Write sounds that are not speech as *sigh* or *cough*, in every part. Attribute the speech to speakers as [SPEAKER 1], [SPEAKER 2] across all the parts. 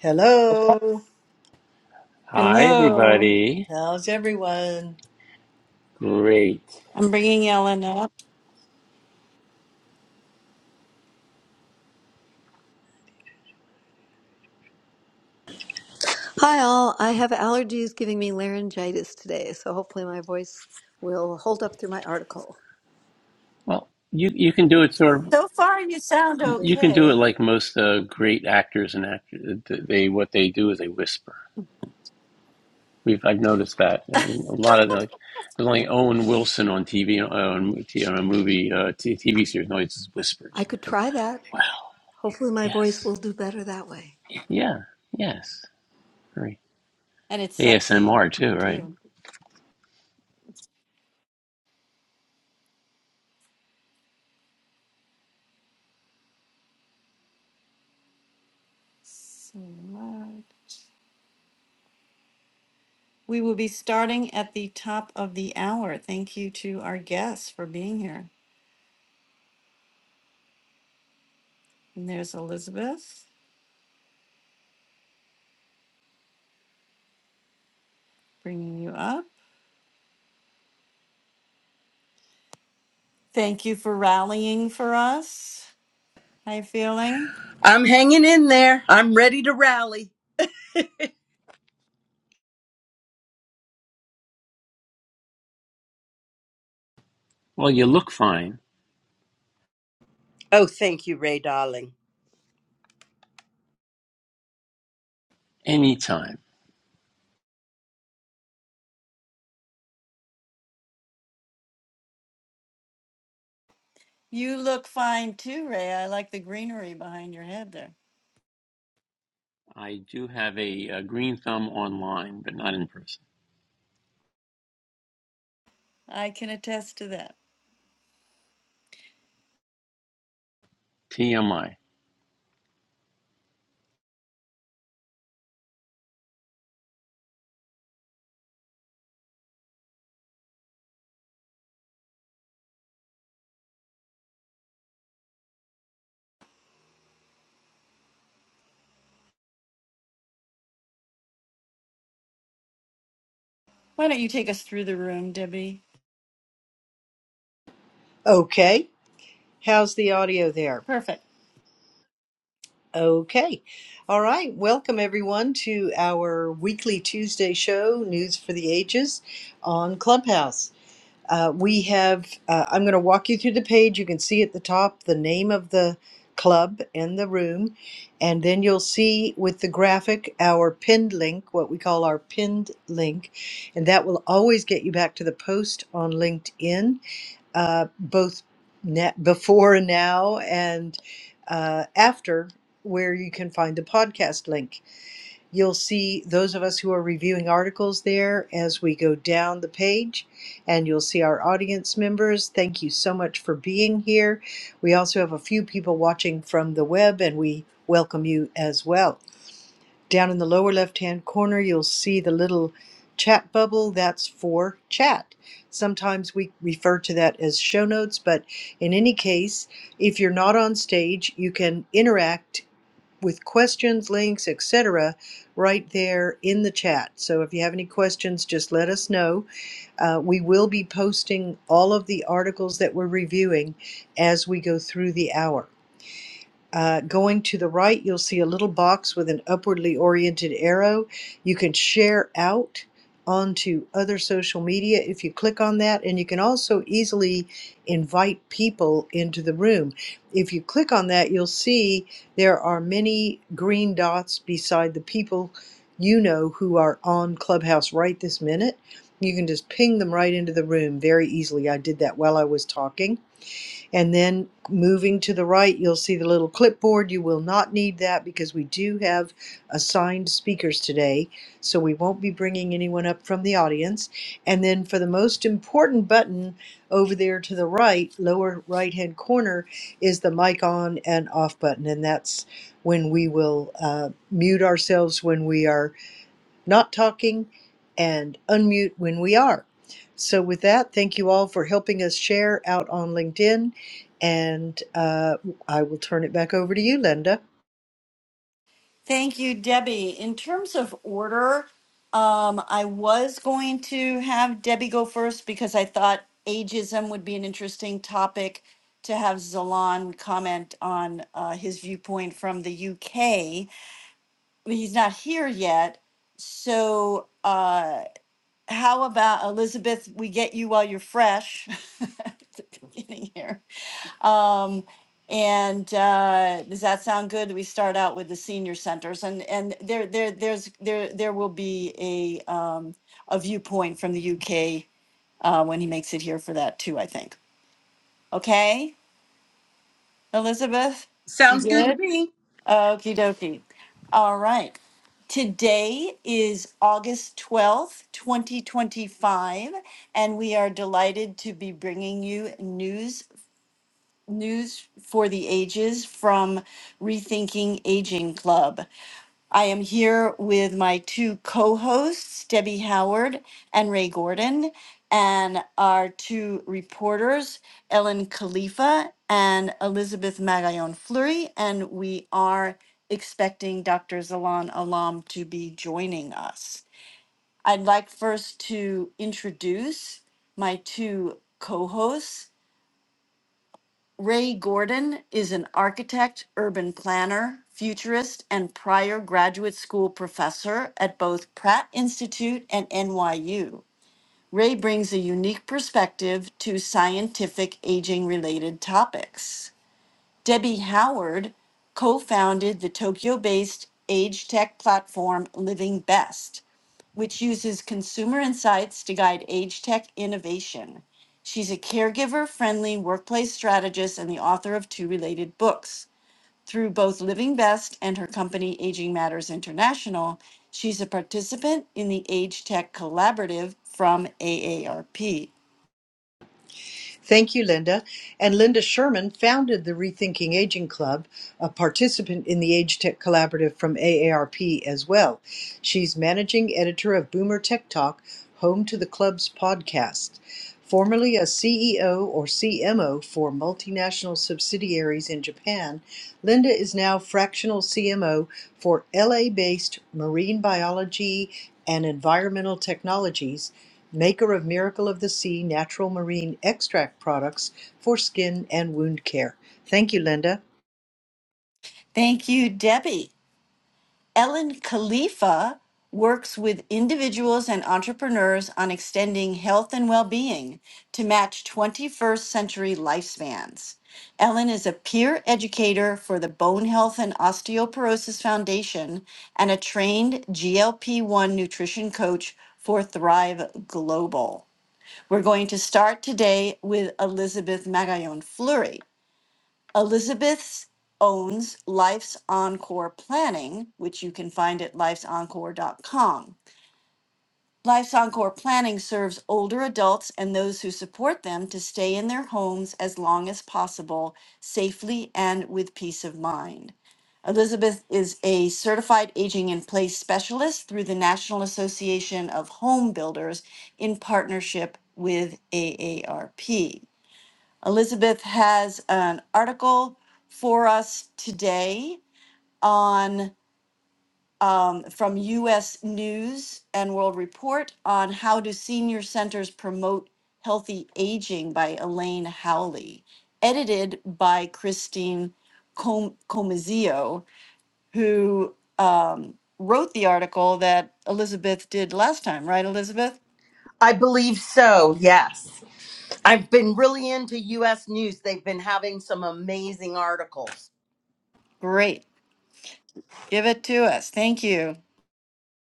[SPEAKER 1] Hello.
[SPEAKER 2] Hi,
[SPEAKER 3] Hello.
[SPEAKER 2] everybody.
[SPEAKER 1] How's everyone?
[SPEAKER 2] Great.
[SPEAKER 3] I'm bringing Ellen up,
[SPEAKER 4] Hi, all. I have allergies giving me laryngitis today, so hopefully my voice will hold up through my article.
[SPEAKER 2] Well, you you can do it sort of.
[SPEAKER 3] So far, you sound
[SPEAKER 4] That's good.
[SPEAKER 2] You can do it
[SPEAKER 3] okay.
[SPEAKER 2] like most uh, great actors and actors. They what they do is they whisper. We've I've noticed that um, a lot of like there's only Owen Wilson on TV uh, on, t- on a movie uh, t- TV series. No, it's just
[SPEAKER 4] I
[SPEAKER 2] whispers.
[SPEAKER 4] could try that.
[SPEAKER 2] Wow.
[SPEAKER 4] Hopefully, my voice
[SPEAKER 2] Yes.
[SPEAKER 4] will do better that way.
[SPEAKER 2] Yeah. Yes. Great.
[SPEAKER 3] and it's sexy
[SPEAKER 2] ASMR too, right?
[SPEAKER 3] too. So loud. We will be starting at the top of the hour. Thank you to our guests for being here. And there's Elizabeth bringing you up. Thank you for rallying for us. How you feeling?
[SPEAKER 5] I'm hanging in there. I'm ready to rally.
[SPEAKER 2] Well, you look fine
[SPEAKER 5] Oh, thank you, Ray Darling.
[SPEAKER 2] anytime.
[SPEAKER 3] You look fine too, Ray. I like the greenery behind your head there.
[SPEAKER 2] I do have a, a green thumb online, but not in person.
[SPEAKER 3] I can attest to that.
[SPEAKER 2] TMI.
[SPEAKER 3] Why don't you take us through the room, Debbie?
[SPEAKER 1] Okay. How's the audio there? Okay. All right. Welcome everyone to our weekly Tuesday show, News for the Ages, on Clubhouse. Uh, we have, uh, I'm going to walk you through the page. You can see at the top the name of the club and the room. And then you'll see with the graphic our pinned link, what we call our pinned link. And that will always get you back to the post on LinkedIn uh, both ne- before and now and uh, after where you can find the podcast link. You'll see those of us who are reviewing articles there as we go down the page, and you'll see our audience members. Thank you so much for being here. We also have a few people watching from the web, and we welcome you as well. Down in the lower left-hand corner, you'll see the little chat bubble. That's for chat. Sometimes we refer to that as show notes, but in any case, if you're not on stage, you can interact with questions, links, etc., right there in the chat. So if you have any questions, just let us know. Uh, we will be posting all of the articles that we're reviewing as we go through the hour. Uh, going to the right, you'll see a little box with an upwardly oriented arrow. You can share out onto other social media if you click on that, and you can also easily invite people into the room. If you click on that, you'll see there are many green dots beside the people you know who are on Clubhouse right this minute. You can just ping them right into the room very easily. I did that while I was talking and then moving to the right, you'll see the little clipboard. You will not need that because we do have assigned speakers today. So we won't be bringing anyone up from the audience. And then for the most important button over there to the right, lower right hand corner, is the mic on and off button. And that's when we will uh, mute ourselves when we are not talking, and unmute when we are. So, with that, thank you all for helping us share out on LinkedIn. And uh, I will turn it back over to you, Linda.
[SPEAKER 3] Thank you, Debbie. In terms of order, um, I was going to have Debbie go first because I thought ageism would be an interesting topic to have Zalan comment on uh, his viewpoint from the UK. But he's not here yet. So, uh, how about Elizabeth? We get you while you're fresh. *laughs* At the beginning here. Um, and uh, does that sound good? We start out with the senior centers, and and there there there's there there will be a um, a viewpoint from the UK uh, when he makes it here for that too. I think. Okay, Elizabeth.
[SPEAKER 5] Sounds good to
[SPEAKER 3] Good.
[SPEAKER 5] me.
[SPEAKER 3] Okie dokie. All right. Today is August 12th, 2025, and we are delighted to be bringing you news news for the ages from Rethinking Aging Club. I am here with my two co hosts, Debbie Howard and Ray Gordon, and our two reporters, Ellen Khalifa and Elizabeth Magallon Fleury. And we are expecting Dr. Zalan Alam to be joining us. I'd like first to introduce my two co hosts. Ray Gordon is an architect, urban planner, futurist, and prior graduate school professor at both Pratt Institute and NYU. Ray brings a unique perspective to scientific aging related topics. Debbie Howard co founded the Tokyo based age tech platform Living Best, which uses consumer insights to guide age tech innovation. She's a caregiver friendly workplace strategist and the author of two related books. Through both Living Best and her company Aging Matters International, she's a participant in the Age Tech Collaborative from AARP.
[SPEAKER 1] Thank you, Linda. And Linda Sherman founded the Rethinking Aging Club, a participant in the Age Tech Collaborative from AARP as well. She's managing editor of Boomer Tech Talk, home to the club's podcast. Formerly a CEO or CMO for multinational subsidiaries in Japan, Linda is now fractional CMO for LA based marine biology and environmental technologies maker of Miracle of the Sea natural marine extract products for skin and wound care. Thank you, Linda.
[SPEAKER 3] Thank you, Debbie. Ellen Khalifa works with individuals and entrepreneurs on extending health and well being to match 21st century lifespans. Ellen is a peer educator for the Bone Health and Osteoporosis Foundation and a trained GLP 1 nutrition coach for Thrive Global. We're going to start today with Elizabeth Magallon Fleury. Elizabeth owns Life's Encore Planning, which you can find at lifesencore.com. Life's Encore Planning serves older adults and those who support them to stay in their homes as long as possible, safely and with peace of mind. Elizabeth is a certified aging in place specialist through the National Association of Home Builders in partnership with AARP. Elizabeth has an article for us today on um, from U.S. News and World Report on how do senior centers promote healthy aging by Elaine Howley, edited by Christine Com- Comizio, who um, wrote the article that Elizabeth did last time, right, Elizabeth?
[SPEAKER 5] I believe so, yes. I've been really into US news. They've been having some amazing articles.
[SPEAKER 3] Great. Give it to us. Thank you.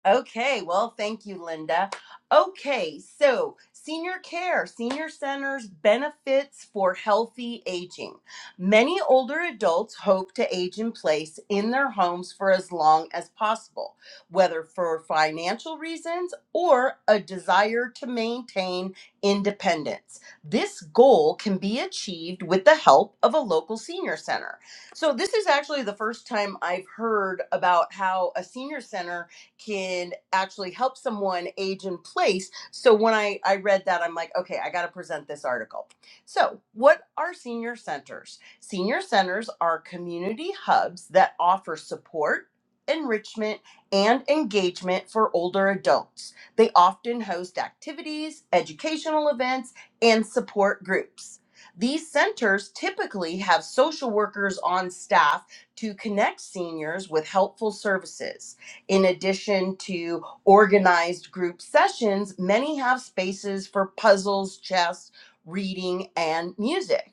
[SPEAKER 5] Okay, well, thank you, Linda. Okay, so senior care, senior centers, benefits for healthy aging. Many older adults hope to age in place in their homes for as long as possible, whether for financial reasons or a desire to maintain independence. This goal can be achieved with the help of a local senior center. So, this is actually the first time I've heard about how a senior center can actually help someone age in place. So when I, I read that, I'm like, okay, I got to present this article. So, what are senior centers? Senior centers are community hubs that offer support. Enrichment and engagement for older adults. They often host activities, educational events, and support groups. These centers typically have social workers on staff to connect seniors with helpful services. In addition to organized group sessions, many have spaces for puzzles, chess, reading, and music.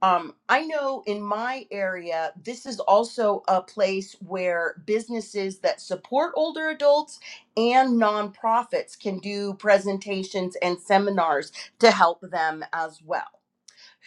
[SPEAKER 5] Um, I know in my area, this is also a place where businesses that support older adults and nonprofits can do presentations and seminars to help them as well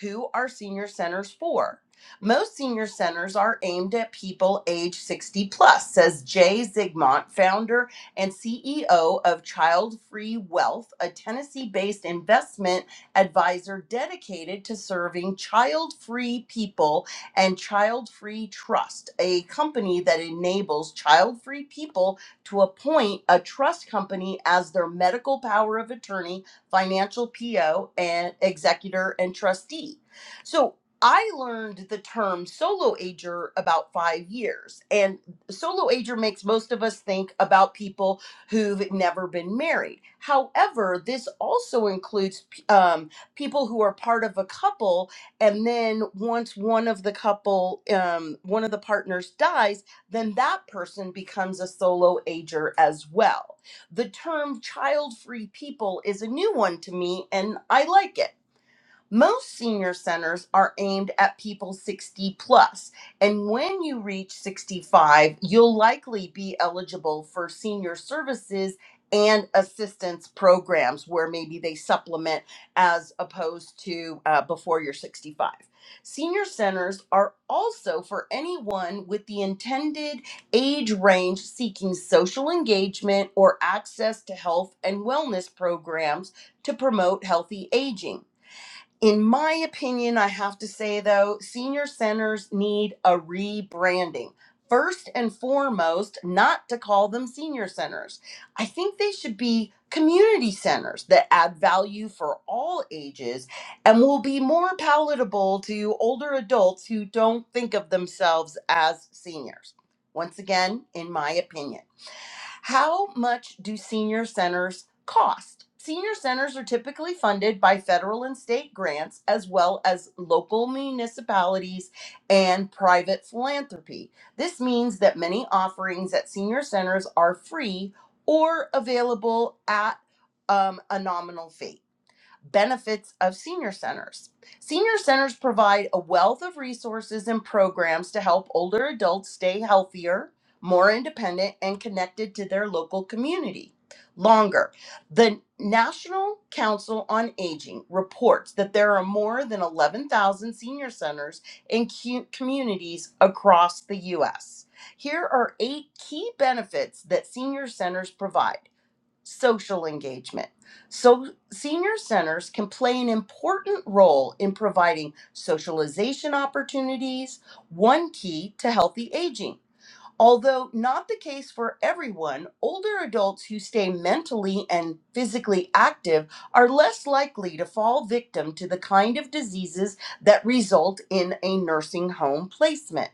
[SPEAKER 5] who are senior centers for? Most senior centers are aimed at people age 60 plus, says Jay Zigmont, founder and CEO of Child Free Wealth, a Tennessee based investment advisor dedicated to serving child free people and Child Free Trust, a company that enables child free people to appoint a trust company as their medical power of attorney financial PO, and executor and trustee. So I learned the term solo ager about five years. And solo ager makes most of us think about people who've never been married. However, this also includes um, people who are part of a couple. And then once one of the couple, um, one of the partners dies, then that person becomes a solo ager as well the term child free people is a new one to me and I like it. Most senior centers are aimed at people 60 plus, and when you reach 65, you'll likely be eligible for senior services and assistance programs where maybe they supplement as opposed to uh, before you're 65. Senior centers are also for anyone with the intended age range seeking social engagement or access to health and wellness programs to promote healthy aging. In my opinion, I have to say though, senior centers need a rebranding. First and foremost, not to call them senior centers. I think they should be community centers that add value for all ages and will be more palatable to older adults who don't think of themselves as seniors. Once again, in my opinion. How much do senior centers Cost Senior centers are typically funded by federal and state grants, as well as local municipalities and private philanthropy. This means that many offerings at senior centers are free or available at um, a nominal fee benefits of senior centers. Senior centers provide a wealth of resources and programs to help older adults stay healthier, more independent, and connected to their local community longer. The National Council on Aging reports that there are more than 11,000 senior centers in cu- communities across the U.S. Here are eight key benefits that senior centers provide social engagement. So, senior centers can play an important role in providing socialization opportunities, one key to healthy aging. Although not the case for everyone, older adults who stay mentally and physically active are less likely to fall victim to the kind of diseases that result in a nursing home placement.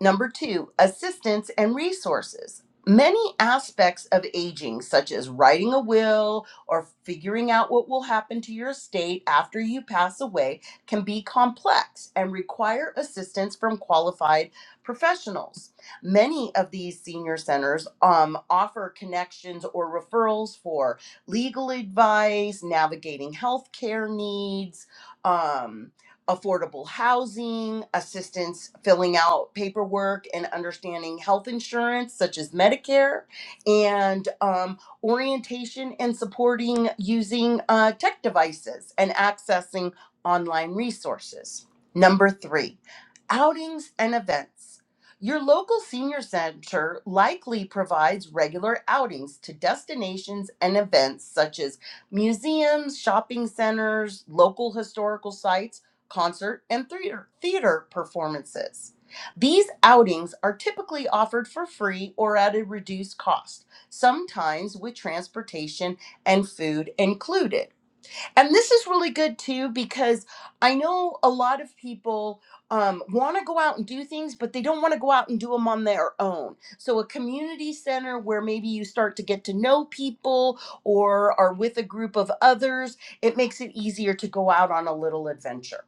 [SPEAKER 5] Number two, assistance and resources. Many aspects of aging, such as writing a will or figuring out what will happen to your estate after you pass away, can be complex and require assistance from qualified professionals. Many of these senior centers um, offer connections or referrals for legal advice, navigating healthcare needs. um, affordable housing, assistance filling out paperwork and understanding health insurance, such as Medicare, and um, orientation and supporting using uh, tech devices and accessing online resources. Number three, outings and events. Your local senior center likely provides regular outings to destinations and events such as museums, shopping centers, local historical sites concert, and theater, theater performances. These outings are typically offered for free or at a reduced cost, sometimes with transportation and food included. And this is really good too because I know a lot of people um, want to go out and do things, but they don't want to go out and do them on their own. So, a community center where maybe you start to get to know people or are with a group of others, it makes it easier to go out on a little adventure.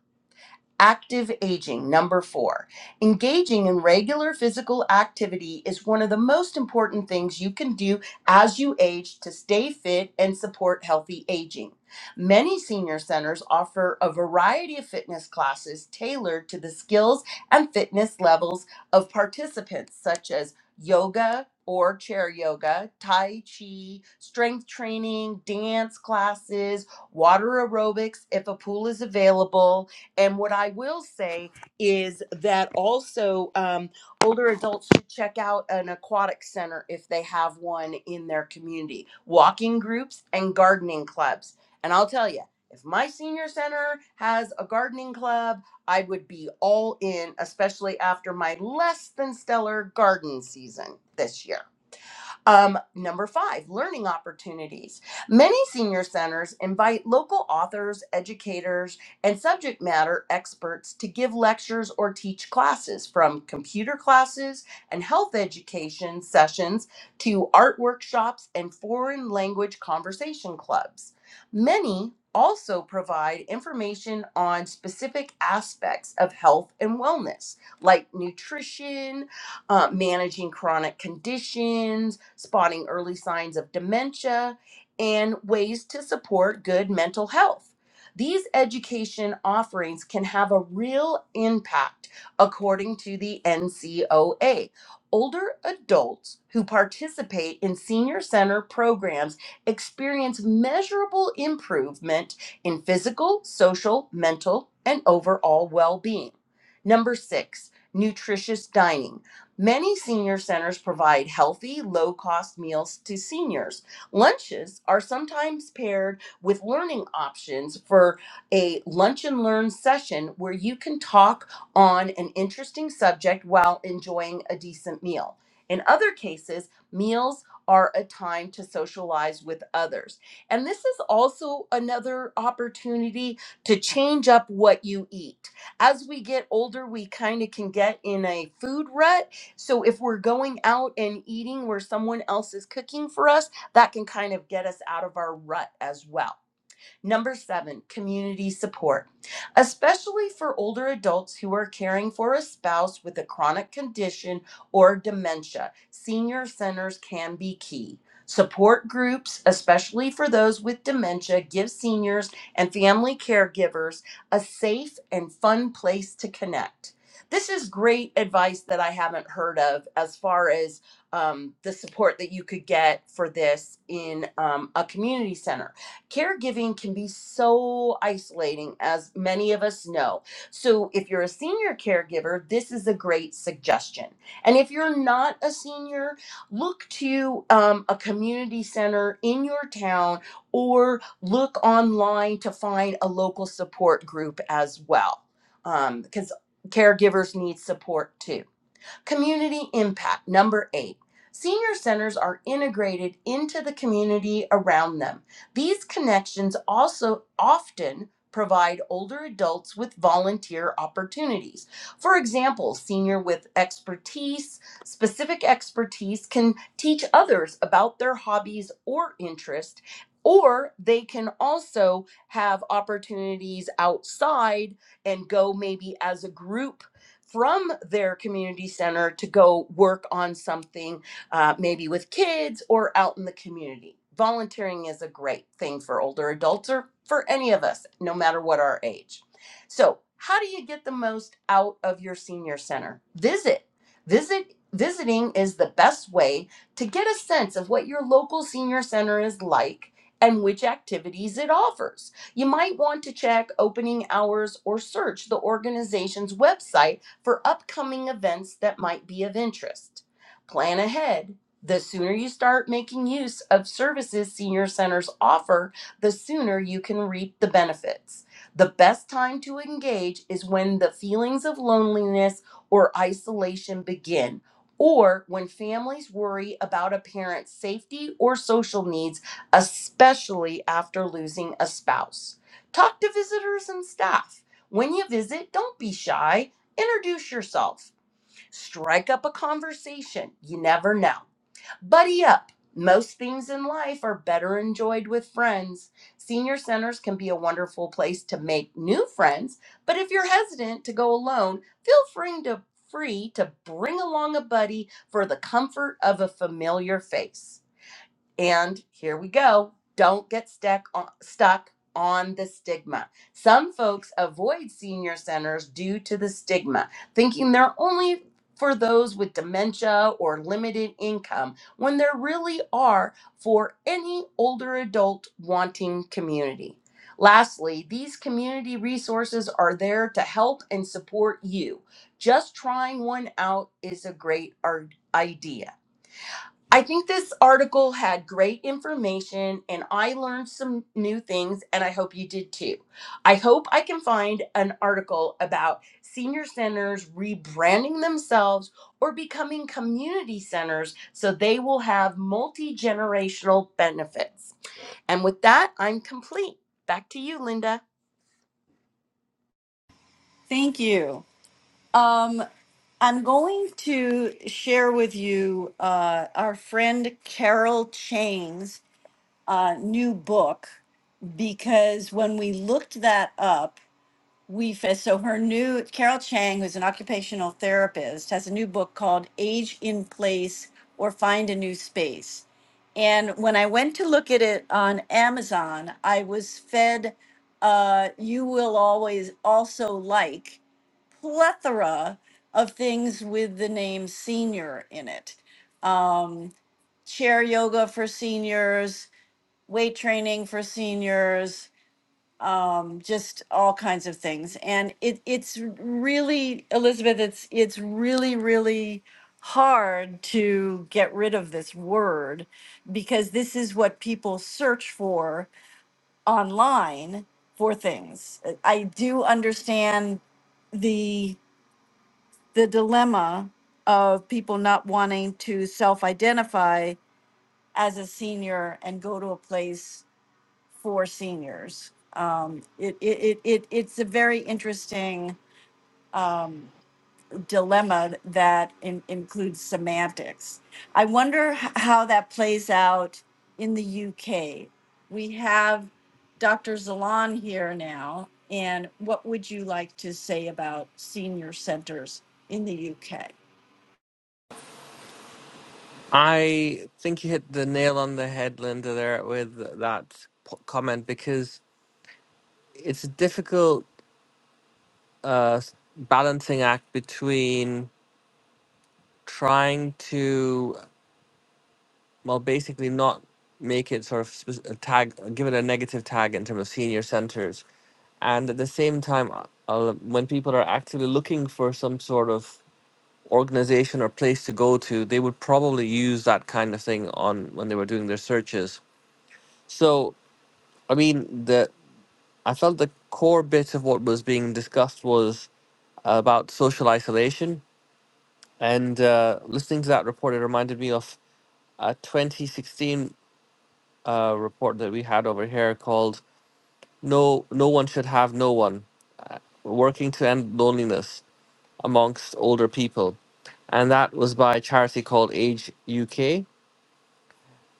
[SPEAKER 5] Active aging, number four. Engaging in regular physical activity is one of the most important things you can do as you age to stay fit and support healthy aging. Many senior centers offer a variety of fitness classes tailored to the skills and fitness levels of participants, such as yoga or chair yoga, tai chi, strength training, dance classes, water aerobics if a pool is available and what I will say is that also um, older adults should check out an aquatic center if they have one in their community, walking groups and gardening clubs. And I'll tell you, if my senior center has a gardening club, I would be all in, especially after my less than stellar garden season this year. Um, number five, learning opportunities. Many senior centers invite local authors, educators, and subject matter experts to give lectures or teach classes from computer classes and health education sessions to art workshops and foreign language conversation clubs. Many also provide information on specific aspects of health and wellness, like nutrition uh, managing chronic conditions, spotting early signs of dementia, and ways to support good mental health. These education offerings can have a real impact according to the NCOA. Older adults who participate in senior center programs experience measurable improvement in physical, social, mental, and overall well being. Number six, nutritious dining. Many senior centers provide healthy, low cost meals to seniors. Lunches are sometimes paired with learning options for a lunch and learn session where you can talk on an interesting subject while enjoying a decent meal. In other cases, meals are a time to socialize with others. And this is also another opportunity to change up what you eat. As we get older, we kind of can get in a food rut so if we're going out and eating where someone else is cooking for us, that can kind of get us out of our rut as well. Number seven, community support. Especially for older adults who are caring for a spouse with a chronic condition or dementia, senior centers can be key. Support groups, especially for those with dementia, give seniors and family caregivers a safe and fun place to connect. This is great advice that I haven't heard of as far as um, the support that you could get for this in um, a community center Caregiving can be so isolating, as many of us know. So, if you're a senior caregiver, this is a great suggestion. And if you're not a senior, look to um, a community center in your town or look online to find a local support group as well, because caregivers need support too. Community impact, number eight. Senior centers are integrated into the community around them. These connections also often provide older adults with volunteer opportunities. For example, senior with expertise, specific expertise can teach others about their hobbies or interest or they can also have opportunities outside and go maybe as a group from their community center to go work on something, uh, maybe with kids or out in the community. Volunteering is a great thing for older adults or for any of us, no matter what our age. So, how do you get the most out of your senior center? Visit. Visit visiting is the best way to get a sense of what your local senior center is like and which activities it offers. You might want to check opening hours or search the organization's website for upcoming events that might be of interest. Plan ahead. The sooner you start making use of services senior centers offer, the sooner you can reap the benefits. The best time to engage is when the feelings of loneliness or isolation begin, or when families worry about a parent's safety or social needs, especially after losing a spouse. Talk to visitors and staff. When you visit, don't be shy. Introduce yourself. Strike up a conversation. You never know. Buddy up. Most things in life are better enjoyed with friends. Senior centers can be a wonderful place to make new friends, but if you're hesitant to go alone, feel free to free to bring along a buddy for the comfort of a familiar face. And here we go. Don't get stuck on, stuck on the stigma. Some folks avoid senior centers due to the stigma, thinking they're only for those with dementia or limited income, when there really are for any older adult wanting community. Lastly, these community resources are there to help and support you. Just trying one out is a great ar- idea. I think this article had great information and I learned some new things, and I hope you did too. I hope I can find an article about senior centers rebranding themselves or becoming community centers so they will have multi generational benefits. And with that, I'm complete. Back to you, Linda.
[SPEAKER 3] Thank you. Um, I'm going to share with you uh, our friend Carol Chain's uh, new book because when we looked that up, we fa- so her new Carol Chang, who's an occupational therapist, has a new book called "Age in Place" or "Find a New Space." And when I went to look at it on Amazon, I was fed uh, "You Will Always Also Like." plethora of things with the name senior in it. Um, chair yoga for seniors, weight training for seniors, um, just all kinds of things. And it, it's really, Elizabeth, it's, it's really, really hard to get rid of this word because this is what people search for online for things. I do understand the the dilemma of people not wanting to self identify as a senior and go to a place for seniors. Um, it, it, it, it, it's a very interesting um, dilemma that in, includes semantics. I wonder h- how that plays out in the UK. We have Dr. Zalan here now, and what would you like to say about senior centers in the UK?
[SPEAKER 6] I think you hit the nail on the head, Linda, there with that p- comment because it's a difficult uh, s- balancing act between trying to, well, basically not make it sort of spec- a tag, give it a negative tag in terms of senior centers. And at the same time, uh, uh, when people are actively looking for some sort of organization or place to go to, they would probably use that kind of thing on when they were doing their searches. So I mean, the I felt the core bit of what was being discussed was about social isolation. And uh, listening to that report, it reminded me of a 2016 uh, report that we had over here called "No, No One Should Have No One: Working to End Loneliness Amongst Older People," and that was by a charity called Age UK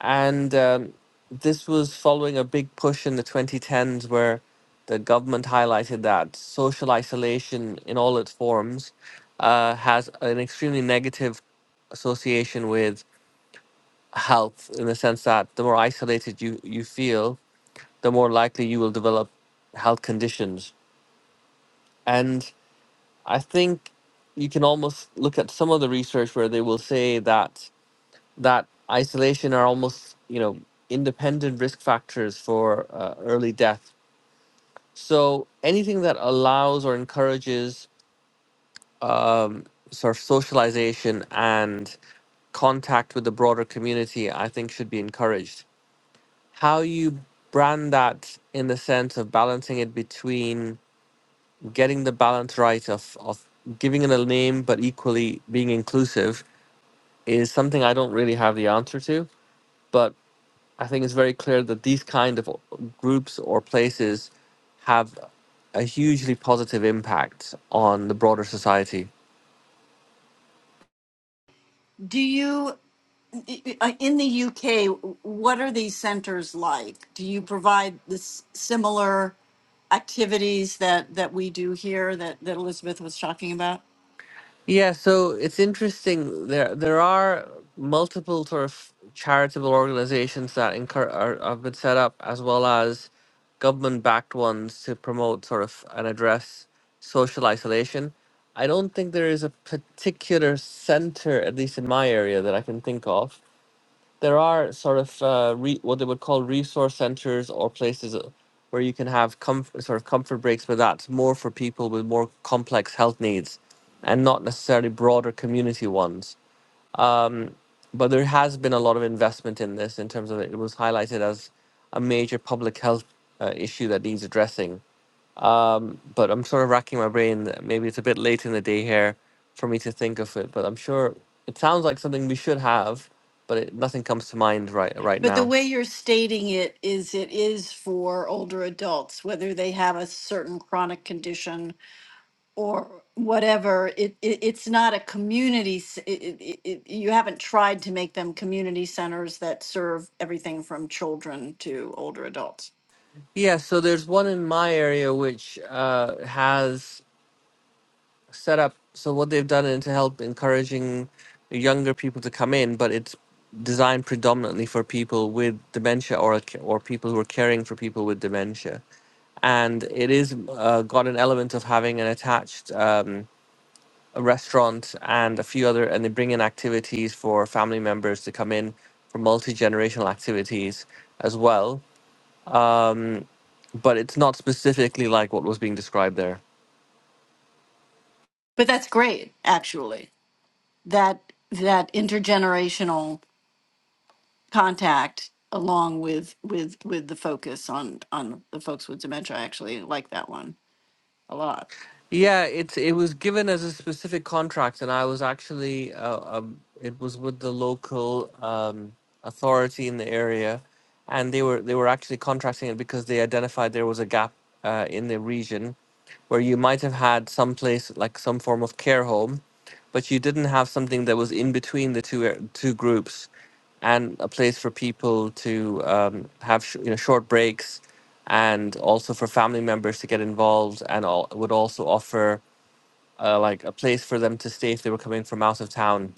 [SPEAKER 6] And um, this was following a big push in the 2010s where the government highlighted that social isolation in all its forms uh, has an extremely negative association with health in the sense that the more isolated you, you feel, the more likely you will develop health conditions. And I think you can almost look at some of the research where they will say that that isolation are almost you know independent risk factors for uh, early death so anything that allows or encourages um, sort of socialization and contact with the broader community i think should be encouraged how you brand that in the sense of balancing it between getting the balance right of, of giving it a name but equally being inclusive is something i don't really have the answer to but I think it's very clear that these kind of groups or places have a hugely positive impact on the broader society.
[SPEAKER 3] Do you uh, in the UK? What are these centers like? Do you provide this similar activities that that we do here that that Elizabeth was talking about?
[SPEAKER 6] Yeah, so it's interesting. There, there are multiple sort of charitable organizations that incur, are, have been set up, as well as government-backed ones to promote sort of and address social isolation. I don't think there is a particular center, at least in my area, that I can think of there are sort of uh, re- what they would call resource centers or places uh, where you can have comf- sort of comfort breaks, but that's more for people with more complex health needs and not necessarily broader community ones. Um, but there has been a lot of investment in this in terms of it was highlighted as a major public health uh, issue that needs addressing um, but I'm sort of racking my brain. Maybe it's a bit late in the day here for me to think of it, but I'm sure it sounds like something we should have, but it, nothing comes to mind right right
[SPEAKER 3] But the
[SPEAKER 6] now.
[SPEAKER 3] way you're stating it is it is for older adults, whether they have a certain chronic condition or whatever. It, it it's not a community. s- It, it, it, it- you haven't tried to make them community centers that serve everything from children to older adults.
[SPEAKER 6] Yeah, so there's one in my area which uh, has set up. So what they've done is to help encouraging younger people to come in, but it's designed predominantly for people with dementia or or people who are caring for people with dementia, and it is uh, got an element of having an attached. Um, a restaurant and a few other and they bring in activities for family members to come in for multi-generational activities as well um, but it's not specifically like what was being described there
[SPEAKER 3] But that's great, actually. That that intergenerational contact, along with with with the focus on on the folks with dementia, I actually like that one a lot.
[SPEAKER 6] Yeah, it's it was given as a specific contract, and I was actually uh, um, it was with the local um, authority in the area, and they were they were actually contracting it because they identified there was a gap uh, in the region where you might have had some place like some form of care home, but you didn't have something that was in between the two ar- two groups, and a place for people to um, have sh- you know short breaks and also for family members to get involved and all, would also offer uh, like a place for them to stay if they were coming from out of town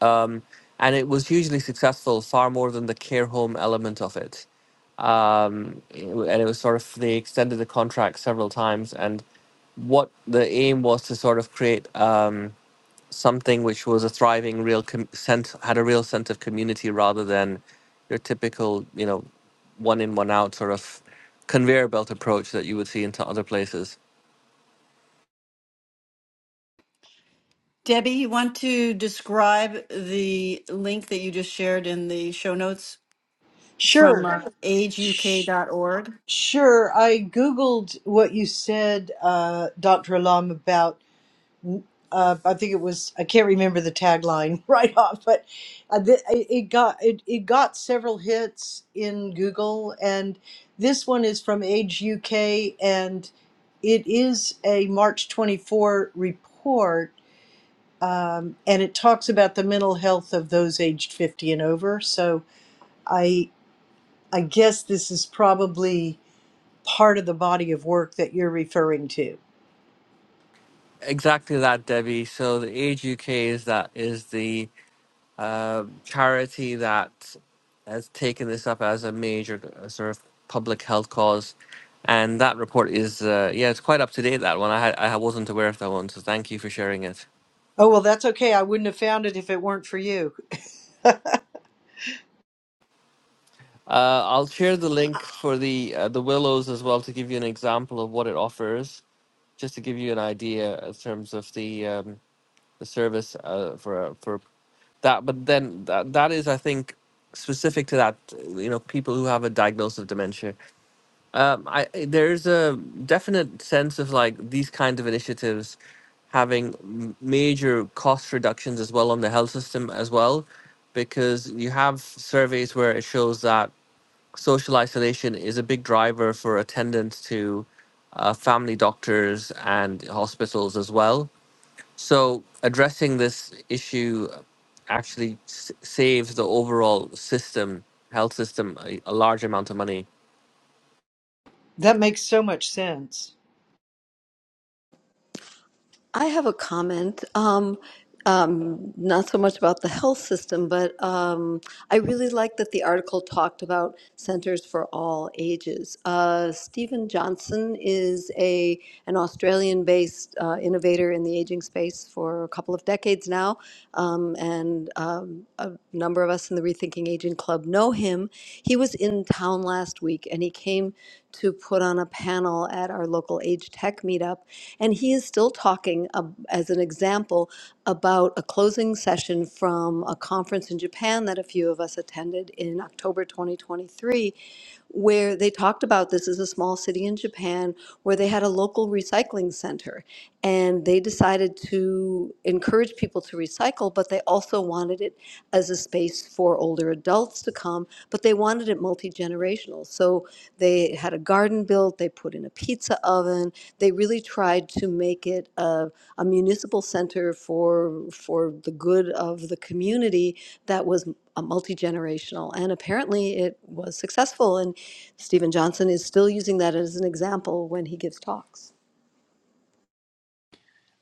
[SPEAKER 6] um, and it was hugely successful far more than the care home element of it um, it w- and it was sort of they extended the contract several times and what the aim was to sort of create Um, something which was a thriving real com- sense had a real sense of community rather than your typical you know one in one out sort of conveyor belt approach that you would see into other places
[SPEAKER 3] Debbie, you want to describe the link that you just shared in the show notes from
[SPEAKER 1] Sure,
[SPEAKER 3] uh, Sure.
[SPEAKER 1] sh-
[SPEAKER 3] ageuk.org,
[SPEAKER 1] sure. I Googled what you said, uh, Dr. Alam, about, uh, I think it was, I can't remember the tagline *laughs* right off, but uh, th- it it got, it, it got several hits in Google. And this one is from Age UK and it is a March 24 report um, and it talks about the mental health of those aged 50 and over. So I I guess this is probably part of the body of work that you're referring to.
[SPEAKER 6] exactly that debbie so the age uk is that is the uh, charity that has taken this up as a major uh, sort of public health cause and that report is uh, yeah it's quite up to date that one i had, i wasn't aware of that one so thank you for sharing it
[SPEAKER 1] Oh well, that's okay. I wouldn't have found it if it weren't for you.
[SPEAKER 6] Uh, I'll share the link for the uh, the Willows as well to give you an example of what it offers, just to give you an idea in terms of the um, the service uh, for for that. But then that that is, I think, specific to that. You know, people who have a diagnosis of dementia. Um, I there's a definite sense of like these kinds of initiatives having m- major cost reductions as well on the health system as well because you have surveys where it shows that social isolation is a big driver for attendance to uh, family doctors and hospitals as well. So, addressing this issue actually s- saves the overall system, health system, a, a large amount of money.
[SPEAKER 1] That makes so much sense.
[SPEAKER 4] I have a comment. Um, um, not so much about the health system, but um, I really like that the article talked about centers for all ages. Uh, Stephen Johnson is a an Australian-based uh, innovator in the aging space for a couple of decades now, um, and um, a number of us in the Rethinking Aging Club know him. He was in town last week, and he came to put on a panel at our local Age Tech meetup. And he is still talking, ab- as an example, about a closing session from a conference in Japan that a few of us attended in October 2023, where they talked about this is a small city in Japan where they had a local recycling center. And they decided to encourage people to recycle, but they also wanted it as a space for older adults to come, but they wanted it multi generational. So they had a garden built, they put in a pizza oven, they really tried to make it a, a municipal center for, for the good of the community that was multi generational. And apparently it was successful. And Stephen Johnson is still using that as an example when he gives talks.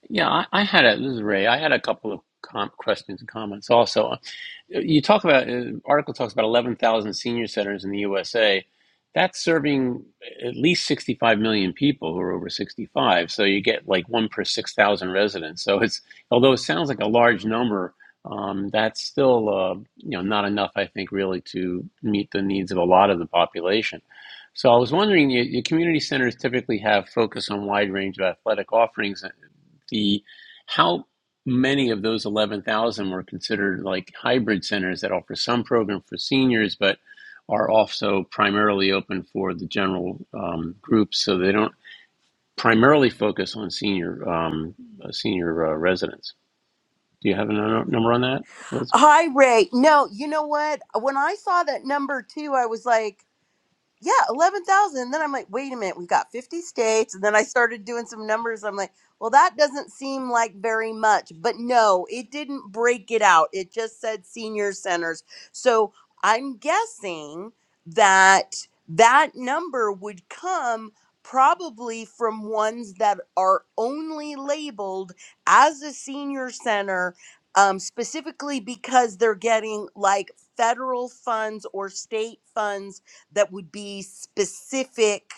[SPEAKER 2] Yeah, I, I had a, this is Ray. I had a couple of com questions and comments also. Uh, You talk about, uh, article talks about 11,000 senior centers in the USA. That's serving at least 65 million people who are over 65. So you get like one per 6,000 residents. So it's, although it sounds like a large number, um, that's still, uh, you know, not enough, I think, really to meet the needs of a lot of the population. So I was wondering, your, your community centers typically have focus on wide range of athletic offerings the how many of those 11,000 were considered like hybrid centers that offer some program for seniors but are also primarily open for the general um, groups so they don't primarily focus on senior um, uh, senior uh, residents do you have a n- number on that Elizabeth?
[SPEAKER 5] Hi, Ray. No, you know what? When I saw that number two, I was like, yeah, 11,000. And then I'm like, wait a minute, we've got 50 states. And then I started doing some numbers. I'm like, well, that doesn't seem like very much. But no, it didn't break it out. It just said senior centers. So I'm guessing that that number would come probably from ones that are only labeled as a senior center. Um, specifically because they're getting like federal funds or state funds that would be specific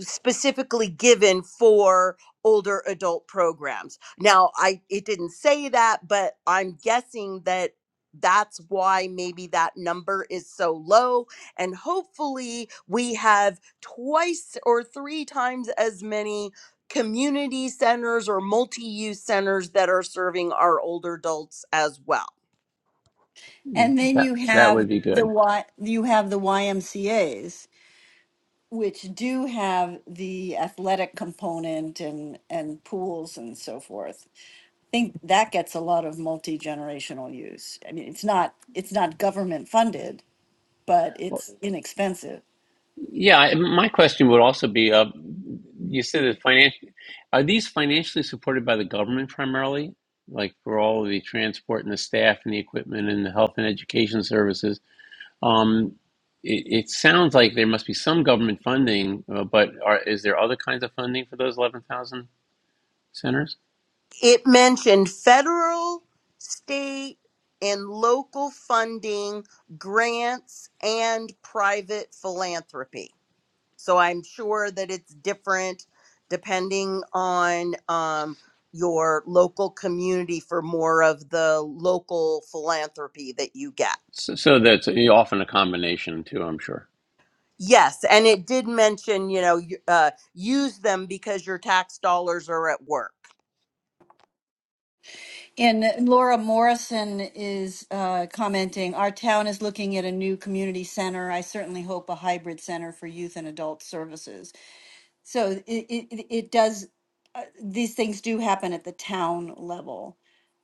[SPEAKER 5] specifically given for older adult programs. Now, I it didn't say that, but I'm guessing that that's why maybe that number is so low and hopefully we have twice or three times as many community centers or multi-use centers that are serving our older adults as well.
[SPEAKER 3] and then
[SPEAKER 2] that
[SPEAKER 3] you
[SPEAKER 2] that
[SPEAKER 3] have
[SPEAKER 2] would be
[SPEAKER 3] the
[SPEAKER 2] good
[SPEAKER 3] y you have the YMCA's, which do have the athletic component and and pools and so forth. think that gets a lot of multi-generational use. I mean, it's not it's not government funded, but
[SPEAKER 2] Well,
[SPEAKER 3] it's inexpensive.
[SPEAKER 2] Yeah, I- my question would also be, uh, you said that financial, are these financially supported by the government primarily? Like for all of the transport and the staff and the equipment and the health and education services? Um, it, it sounds like there must be some government funding, uh, but are, is there other kinds of funding for those 11,000 centers?
[SPEAKER 5] It mentioned federal, state, and local funding, grants, and private philanthropy. So I'm sure that it's different depending on um, your local community for more of the local philanthropy that you get.
[SPEAKER 2] So, so that's often a combination too, I'm sure.
[SPEAKER 5] Yes, and it did mention, you know, y- uh, use them because your tax dollars are at work.
[SPEAKER 3] And Laura Morrison is uh, commenting, our town is looking at a new community center. I certainly hope a hybrid center for youth and adult services. So it, it, it does, uh, these things do happen at the town level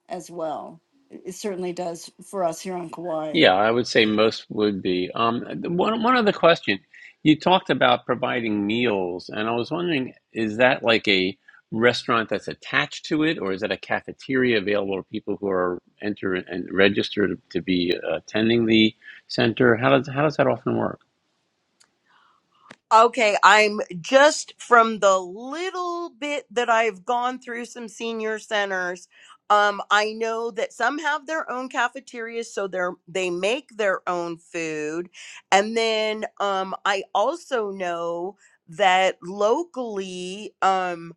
[SPEAKER 3] as well. It it certainly does for us here on Kauai.
[SPEAKER 2] Yeah, I would say most would be. Um, the- one one other question. You talked about providing meals, and I was wondering, is that like a restaurant that's attached to it, or is that a cafeteria available to people who are enter and register to be attending the center? How does how does that often work?
[SPEAKER 5] Okay, I'm just from the little bit that I've gone through some senior centers. Um, I know that some have their own cafeterias, so they're they make their own food. And then um I also know that locally um,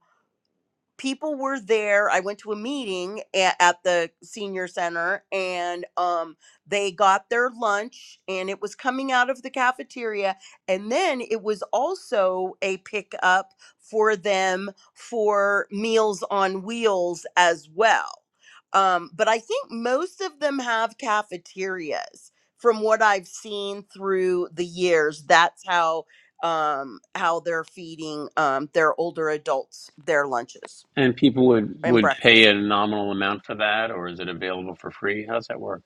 [SPEAKER 5] people were there. I went to a meeting at, at the senior center and um they got their lunch and it was coming out of the cafeteria and then it was also a pickup for them for meals on wheels as well. Um but I think most of them have cafeterias from what I've seen through the years. That's how um how they're feeding um their older adults their lunches
[SPEAKER 2] And people would
[SPEAKER 5] and
[SPEAKER 2] would pay
[SPEAKER 5] breakfast.
[SPEAKER 2] a nominal amount for that, or is it available for free? How does that work?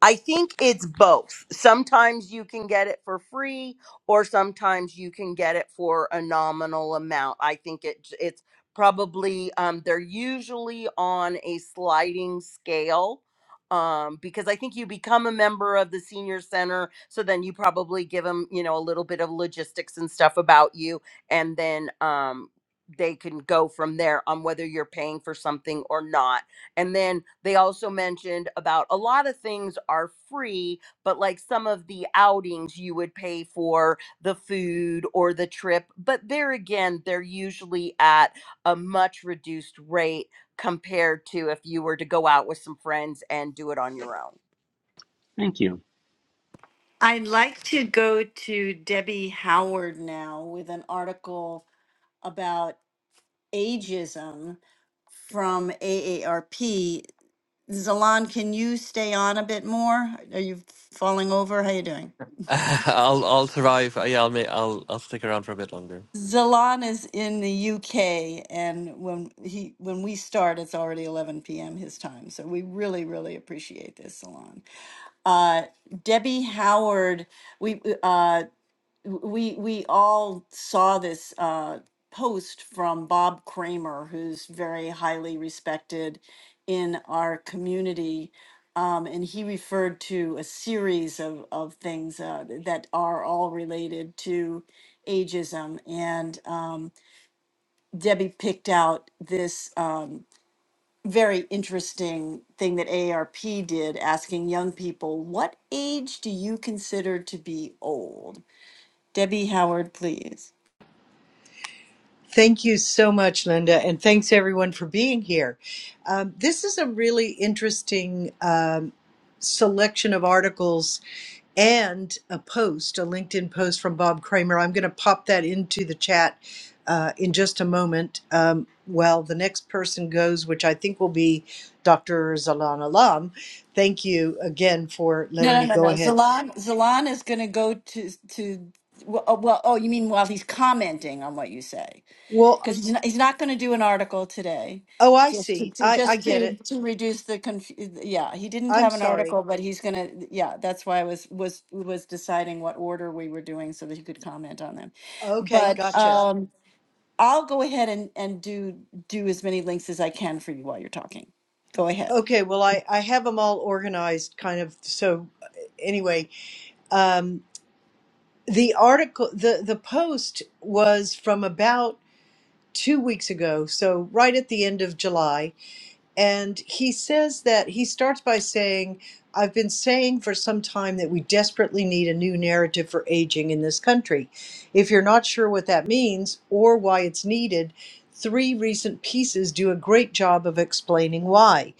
[SPEAKER 5] I think it's both. Sometimes you can get it for free, or sometimes you can get it for a nominal amount. I think it it's probably um, they're usually on a sliding scale um, because I think you become a member of the senior center, so then you probably give them you know a little bit of logistics and stuff about you, and then um, they can go from there on whether you're paying for something or not And then they also mentioned about a lot of things are free, but like some of the outings you would pay for the food or the trip. But there again, they're usually at a much reduced rate compared to if you were to go out with some friends and do it on your own.
[SPEAKER 2] Thank you.
[SPEAKER 3] I'd like to go to Debbie Howard now with an article about ageism from AARP. Zalan, can you stay on a bit more? Are you falling over? How you doing?
[SPEAKER 6] *laughs* I'll I'll survive. Uh, Yeah, I'll make, I'll I'll stick around for a bit longer.
[SPEAKER 3] Zalan is in the UK, and when he when we start, it's already 11 p.m. his time. So we really, really appreciate this, Zalan. Uh, Debbie Howard, we uh, we we all saw this uh, post from Bob Kramer, who's very highly respected in our community, um, and he referred to a series of of things uh, that are all related to ageism. And um, Debbie picked out this um, very interesting thing that AARP did, asking young people, "What age do you consider to be old?" Debbie Howard, please.
[SPEAKER 1] Thank you so much, Linda, and thanks everyone for being here. Um, this is a really interesting um, selection of articles and a post, a LinkedIn post from Bob Kramer. I'm going to pop that into the chat uh, in just a moment. Um, while the next person goes, which I think will be Dr. Zalan Alam. Thank you again for
[SPEAKER 3] No,
[SPEAKER 1] letting
[SPEAKER 3] no,
[SPEAKER 1] me
[SPEAKER 3] no,
[SPEAKER 1] go
[SPEAKER 3] no.
[SPEAKER 1] ahead.
[SPEAKER 3] Zalan, Zalan is going to go to to. Well, oh, well, oh, you mean while he's commenting on what you say,
[SPEAKER 1] Well,
[SPEAKER 3] because he's not, he's not going to do an article today,
[SPEAKER 1] oh, I
[SPEAKER 3] just to,
[SPEAKER 1] see.
[SPEAKER 3] to
[SPEAKER 1] I, I
[SPEAKER 3] just
[SPEAKER 1] get
[SPEAKER 3] to
[SPEAKER 1] it.
[SPEAKER 3] to reduce the conf. Yeah, he didn't
[SPEAKER 1] I'm
[SPEAKER 3] have an
[SPEAKER 1] sorry.
[SPEAKER 3] article, but he's going to. Yeah, that's why I was was was deciding what order we were doing so that he could comment on them.
[SPEAKER 1] Okay,
[SPEAKER 3] But
[SPEAKER 1] gotcha.
[SPEAKER 3] um, I'll go ahead and and do do as many links as I can for you while you're talking. Go ahead.
[SPEAKER 1] Okay, well, I, I have them all organized kind of. So, anyway, um, the article, the, the post was from about two weeks ago. So, right at the end of July. And he says that he starts by saying, I've been saying for some time that we desperately need a new narrative for aging in this country. If you're not sure what that means or why it's needed, three recent pieces do a great job of explaining why.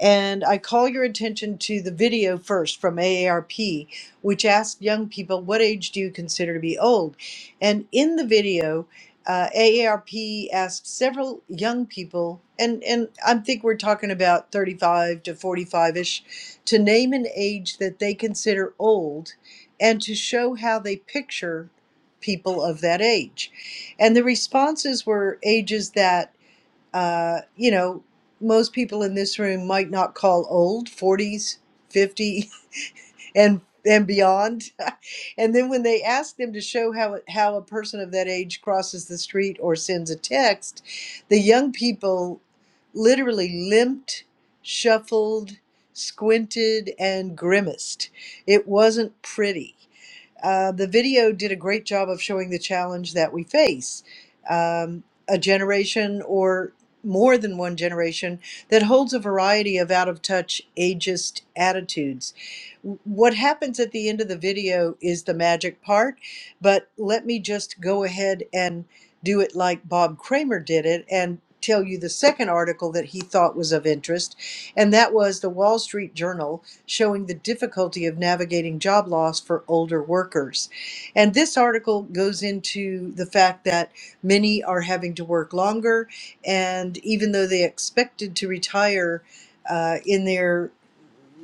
[SPEAKER 1] And I call your attention to the video first from AARP, which asked young people, What age do you consider to be old? And in the video, uh, AARP asked several young people, and, and I think we're talking about 35 to 45 ish, to name an age that they consider old and to show how they picture people of that age. And the responses were ages that, uh, you know, most people in this room might not call old 40s, fifty and and beyond. *laughs* and then when they ask them to show how how a person of that age crosses the street or sends a text, the young people literally limped, shuffled, squinted, and grimaced. It wasn't pretty. Uh, the video did a great job of showing the challenge that we face um, a generation or more than one generation that holds a variety of out of touch ageist attitudes. W- What happens at the end of the video is the magic part, but let me just go ahead and do it like Bob Kramer did it and tell you the second article that he thought was of interest, and that was the Wall Street Journal showing the difficulty of navigating job loss for older workers. And this article goes into the fact that many are having to work longer, and even though they expected to retire uh, in their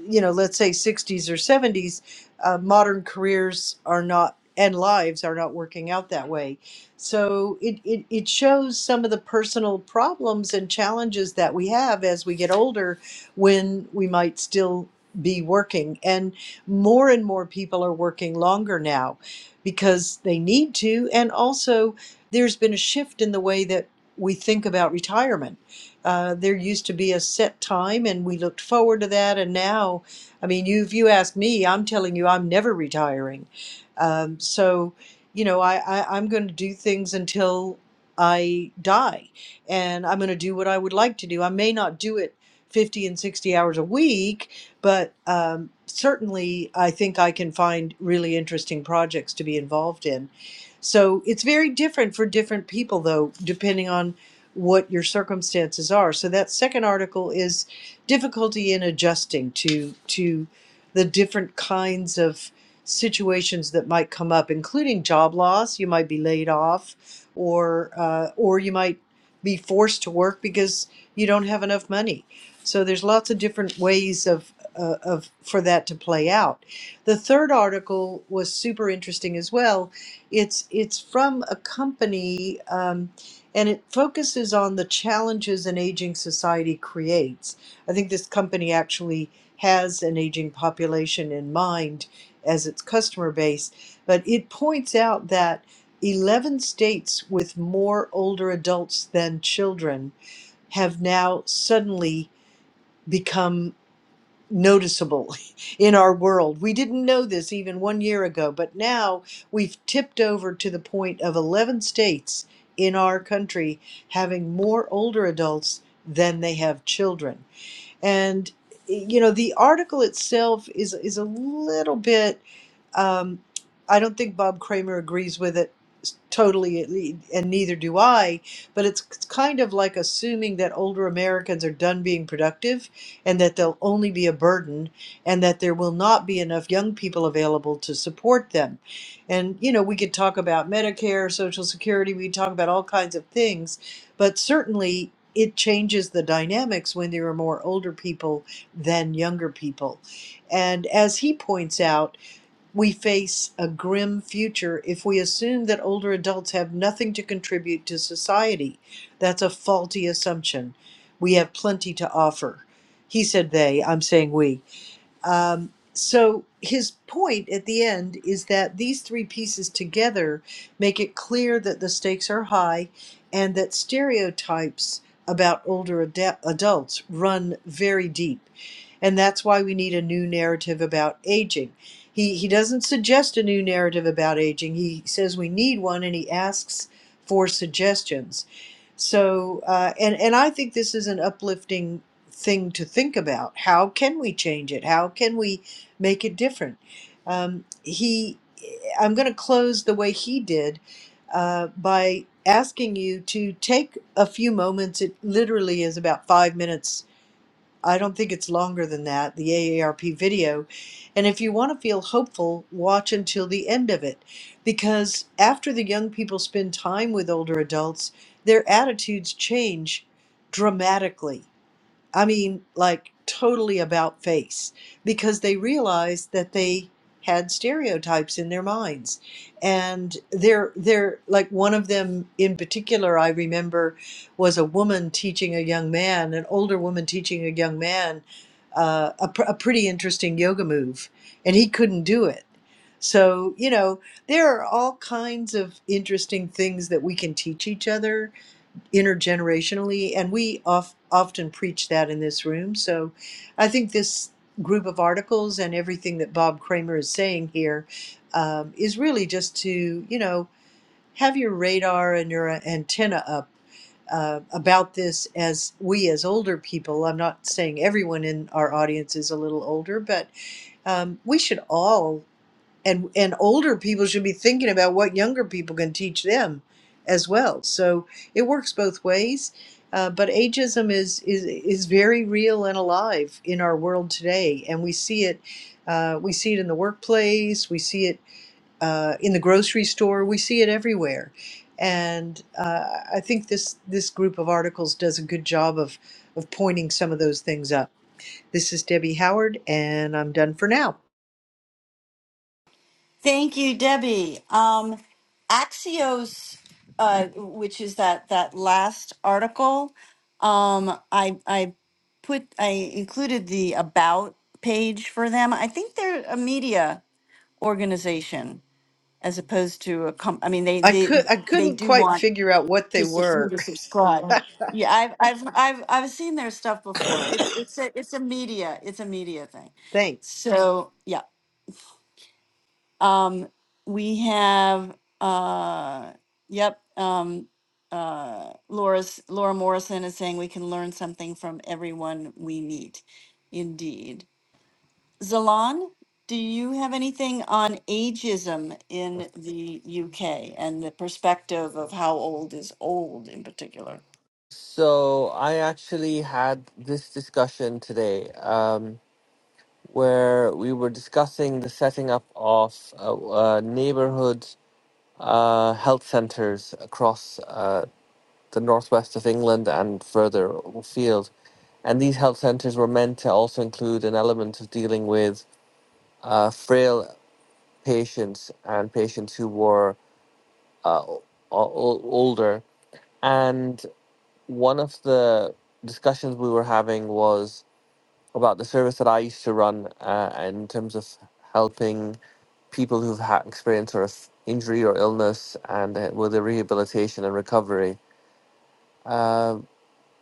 [SPEAKER 1] you know, let's say 60s or 70s, uh, modern careers are not and lives are not working out that way. So it, it, it shows some of the personal problems and challenges that we have as we get older when we might still be working. And more and more people are working longer now because they need to. And also, there's been a shift in the way that we think about retirement uh, there used to be a set time, and we looked forward to that. And now, I mean, you, if you ask me, I'm telling you, I'm never retiring. Um, so, you know, I, I, I'm going to do things until I die, and I'm going to do what I would like to do. I may not do it 50 and 60 hours a week, but um, certainly I think I can find really interesting projects to be involved in. So it's very different for different people, though, depending on what your circumstances are. So that second article is difficulty in adjusting to to the different kinds of situations that might come up, including job loss. You might be laid off, or uh, or you might be forced to work because you don't have enough money. So there's lots of different ways of uh, of for that to play out. The third article was super interesting as well. It's it's from a company. Um, and it focuses on the challenges an aging society creates. I think this company actually has an aging population in mind as its customer base, but it points out that 11 states with more older adults than children have now suddenly become noticeable *laughs* in our world. We didn't know this even one year ago, but now we've tipped over to the point of 11 states in our country having more older adults than they have children. And eh, you know, the article itself is is a little bit um, I don't think Bob Kramer agrees with it s- totally, at lea- and neither do I. But it's k- kind of like assuming that older Americans are done being productive and that they'll only be a burden and that there will not be enough young people available to support them. And, you know, we could talk about Medicare, Social Security, we could talk about all kinds of things, but certainly. It changes the dynamics when there are more older people than younger people. And as he points out, we face a grim future if we assume that older adults have nothing to contribute to society. That's a faulty assumption. We have plenty to offer. He said they, I'm saying we. Um, so his point at the end is that these three pieces together make it clear that the stakes are high and that stereotypes about older adu- adults run very deep. And that's why we need a new narrative about aging. He, he doesn't suggest a new narrative about aging. He says we need one and he asks for suggestions. So, uh, and, and I think this is an uplifting thing to think about. How can we change it? How can we make it different? Um, he, I'm going to close the way he did uh, by asking you to take a few moments. It literally is about five minutes. I don't think it's longer than that, the AARP video. And if you want to feel hopeful, watch until the end of it. Because after the young people spend time with older adults, their attitudes change dramatically I mean, like totally about face because they realized that they had stereotypes in their minds. And they're, they're like one of them in particular, I remember was a woman teaching a young man, an older woman teaching a young man uh, a, pr- a pretty interesting yoga move, and he couldn't do it. So, you know, there are all kinds of interesting things that we can teach each other intergenerationally and we of, often preach that in this room so i think this group of articles and everything that bob kramer is saying here um, is really just to you know have your radar and your antenna up uh, about this as we as older people i'm not saying everyone in our audience is a little older but um, we should all and and older people should be thinking about what younger people can teach them as well so it works both ways uh, but ageism is, is is very real and alive in our world today and we see it uh, we see it in the workplace we see it uh, in the grocery store we see it everywhere and uh, I think this this group of articles does a good job of of pointing some of those things up. This is Debbie Howard, and I'm done for now.
[SPEAKER 3] Thank you, Debbie. Um, Axios, uh, which is that that last article, um, I I put I included the about page for them. I think they're a media organization as opposed to a com. I mean, they
[SPEAKER 1] I could
[SPEAKER 3] they
[SPEAKER 1] I
[SPEAKER 3] they
[SPEAKER 1] couldn't
[SPEAKER 3] do
[SPEAKER 1] quite
[SPEAKER 3] want
[SPEAKER 1] figure out what they
[SPEAKER 3] to sub- you
[SPEAKER 1] were.
[SPEAKER 3] to subscribe. Yeah, I've I've I've I've seen their stuff before. It's it's a it's a media it's a media thing.
[SPEAKER 1] *laughs* Thanks.
[SPEAKER 3] So yeah. Um, we have, uh, yep, um, uh, Laura's, Laura Morrison is saying we can learn something from everyone we meet. Indeed. Zalan, do you have anything on ageism in the UK and the perspective of how old is old in particular?
[SPEAKER 6] So I actually had this discussion today, um, where we were discussing the setting up of uh, uh, neighborhoods uh, health centres across uh, the northwest of England and further afield. And these health centres were meant to also include an element of dealing with uh, frail patients and patients who were uh, o- o- older. And one of the discussions we were having was about the service that I used to run uh, in terms of helping people who've had experience or injury or illness and uh, with the rehabilitation and recovery Um,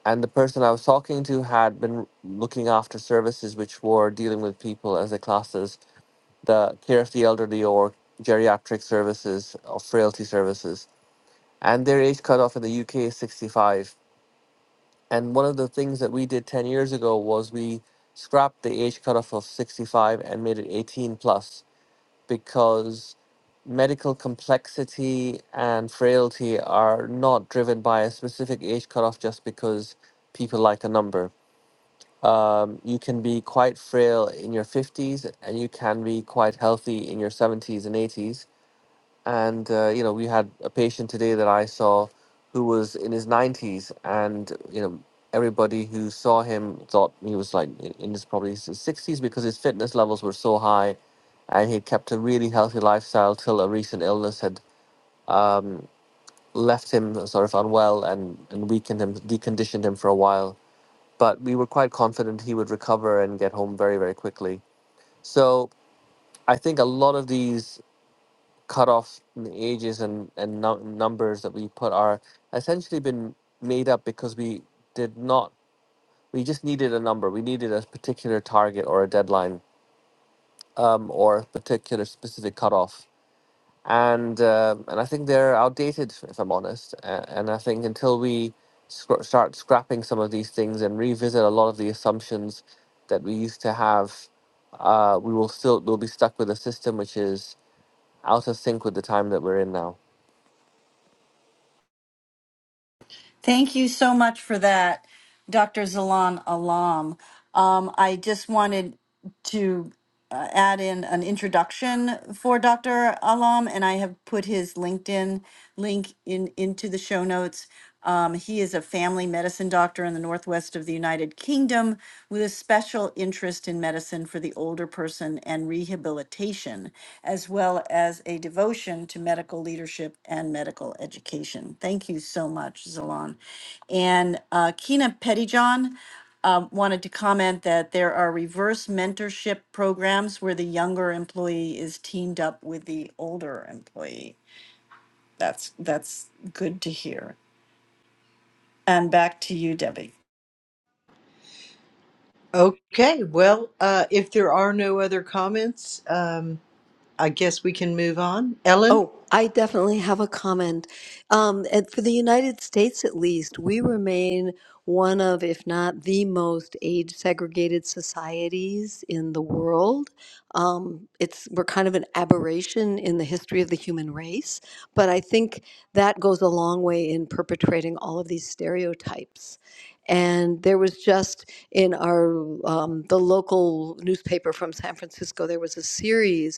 [SPEAKER 6] and the person I was talking to had been looking after services which were dealing with people as a class as the care of the elderly or geriatric services or frailty services. And their age cutoff in the UK is 65. And one of the things that we did 10 years ago was we scrapped the age cutoff of 65 and made it 18 plus because medical complexity and frailty are not driven by a specific age cutoff just because people like a number. Um, you can be quite frail in your 50s and you can be quite healthy in your 70s and 80s and uh, you know we had a patient today that I saw who was in his 90s and you know everybody who saw him thought he was like in in his probably his 60s because his fitness levels were so high and he kept a really healthy lifestyle till a recent illness had um, left him sort of unwell and, and weakened him deconditioned him for a while but we were quite confident he would recover and get home very very quickly so I think a lot of these cutoff and the ages and and nu- numbers that we put are essentially been made up because we did not we just needed a number we needed a particular target or a deadline um, or a particular specific cutoff and uh, and I think they're outdated if I'm honest and, and I think until we scr- start scrapping some of these things and revisit a lot of the assumptions that we used to have uh, we will still we'll be stuck with a system which is out of sync with the time that we're in now.
[SPEAKER 3] Thank you so much for that, Dr. Zalan Alam. Um, I just wanted to uh, add in an introduction for Dr. Alam, and I have put his LinkedIn link in into the show notes. Um, he is a family medicine doctor in the northwest of the United Kingdom with a special interest in medicine for the older person and rehabilitation, as well as a devotion to medical leadership and medical education. Thank you so much, Zalon. And uh, Kina Pettyjohn um, wanted to comment that there are reverse mentorship programs where the younger employee is teamed up with the older employee. That's that's good to hear. And back to you, Debbie.
[SPEAKER 1] Okay, well, uh, if there are no other comments, um, I guess we can move on. Ellen?
[SPEAKER 4] Oh, I definitely have a comment. Um, and for the United States, at least, we remain one of, if not the most age segregated societies in the world. Um, it's we're kind of an aberration in the history of the human race, but I think that goes a long way in perpetrating all of these stereotypes. And there was just in our um, the local newspaper from San Francisco, there was a series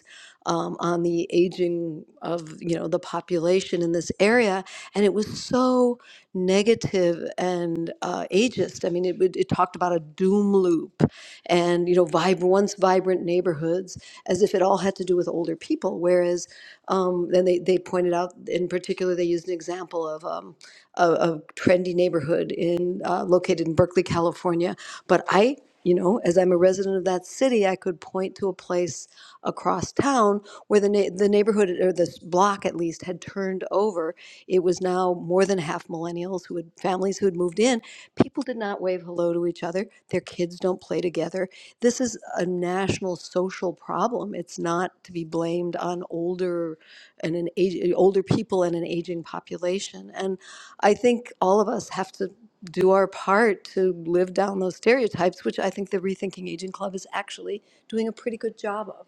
[SPEAKER 4] um, on the aging of you know the population in this area, and it was so negative and uh, ageist. I mean, it, would- it talked about a doom loop, and you know, vib- once vibrant neighborhoods, as if it all had to do with older people. Whereas, um, then they, they pointed out in particular, they used an example of um, a, a trendy neighborhood in uh, located in Berkeley, California. But I, you know, as I'm a resident of that city, I could point to a place across town where the na- the neighborhood or this block at least had turned over. It was now more than half millennials who had families who had moved in. People did not wave hello to each other. Their kids don't play together. This is a national social problem. It's not to be blamed on older and an age, older people and an aging population. And I think all of us have to do our part to live down those stereotypes, which I think the Rethinking Aging Club is actually doing a pretty good job of.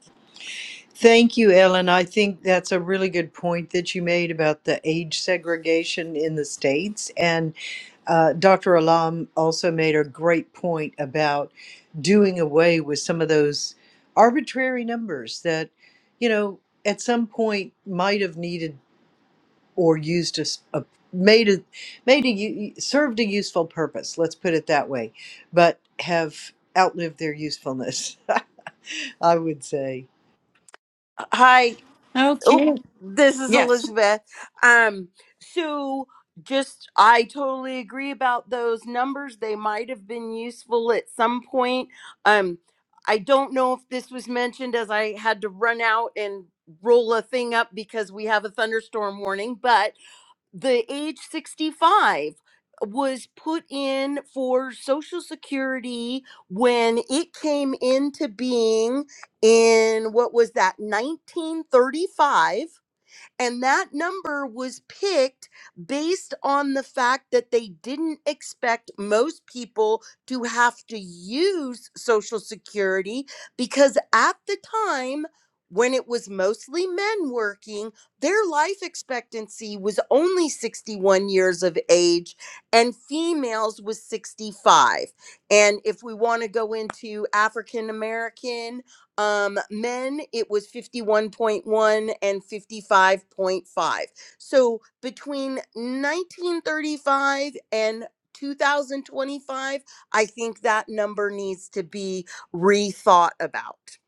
[SPEAKER 1] Thank you, Ellen. I think that's a really good point that you made about the age segregation in the States. And uh, Dr. Alam also made a great point about doing away with some of those arbitrary numbers that, you know, at some point might have needed or used as a made a made a u- served a useful purpose let's put it that way but have outlived their usefulness *laughs* i would say
[SPEAKER 5] Hi. Oh,
[SPEAKER 3] Okay.
[SPEAKER 5] this is
[SPEAKER 3] Yes,
[SPEAKER 5] Elizabeth. Um, so just I totally agree about those numbers. They might have been useful at some point. Um, I don't know if this was mentioned as I had to run out and roll a thing up because we have a thunderstorm warning, but the age 65 was put in for social security when it came into being in what was that 1935 and that number was picked based on the fact that they didn't expect most people to have to use Social Security because at the time, when it was mostly men working, their life expectancy was only 61 years of age and females was 65. And if we want to go into African American, um, men, it was 51.1 and 55.5. So between 1935 and 2025, I think that number needs to be rethought about.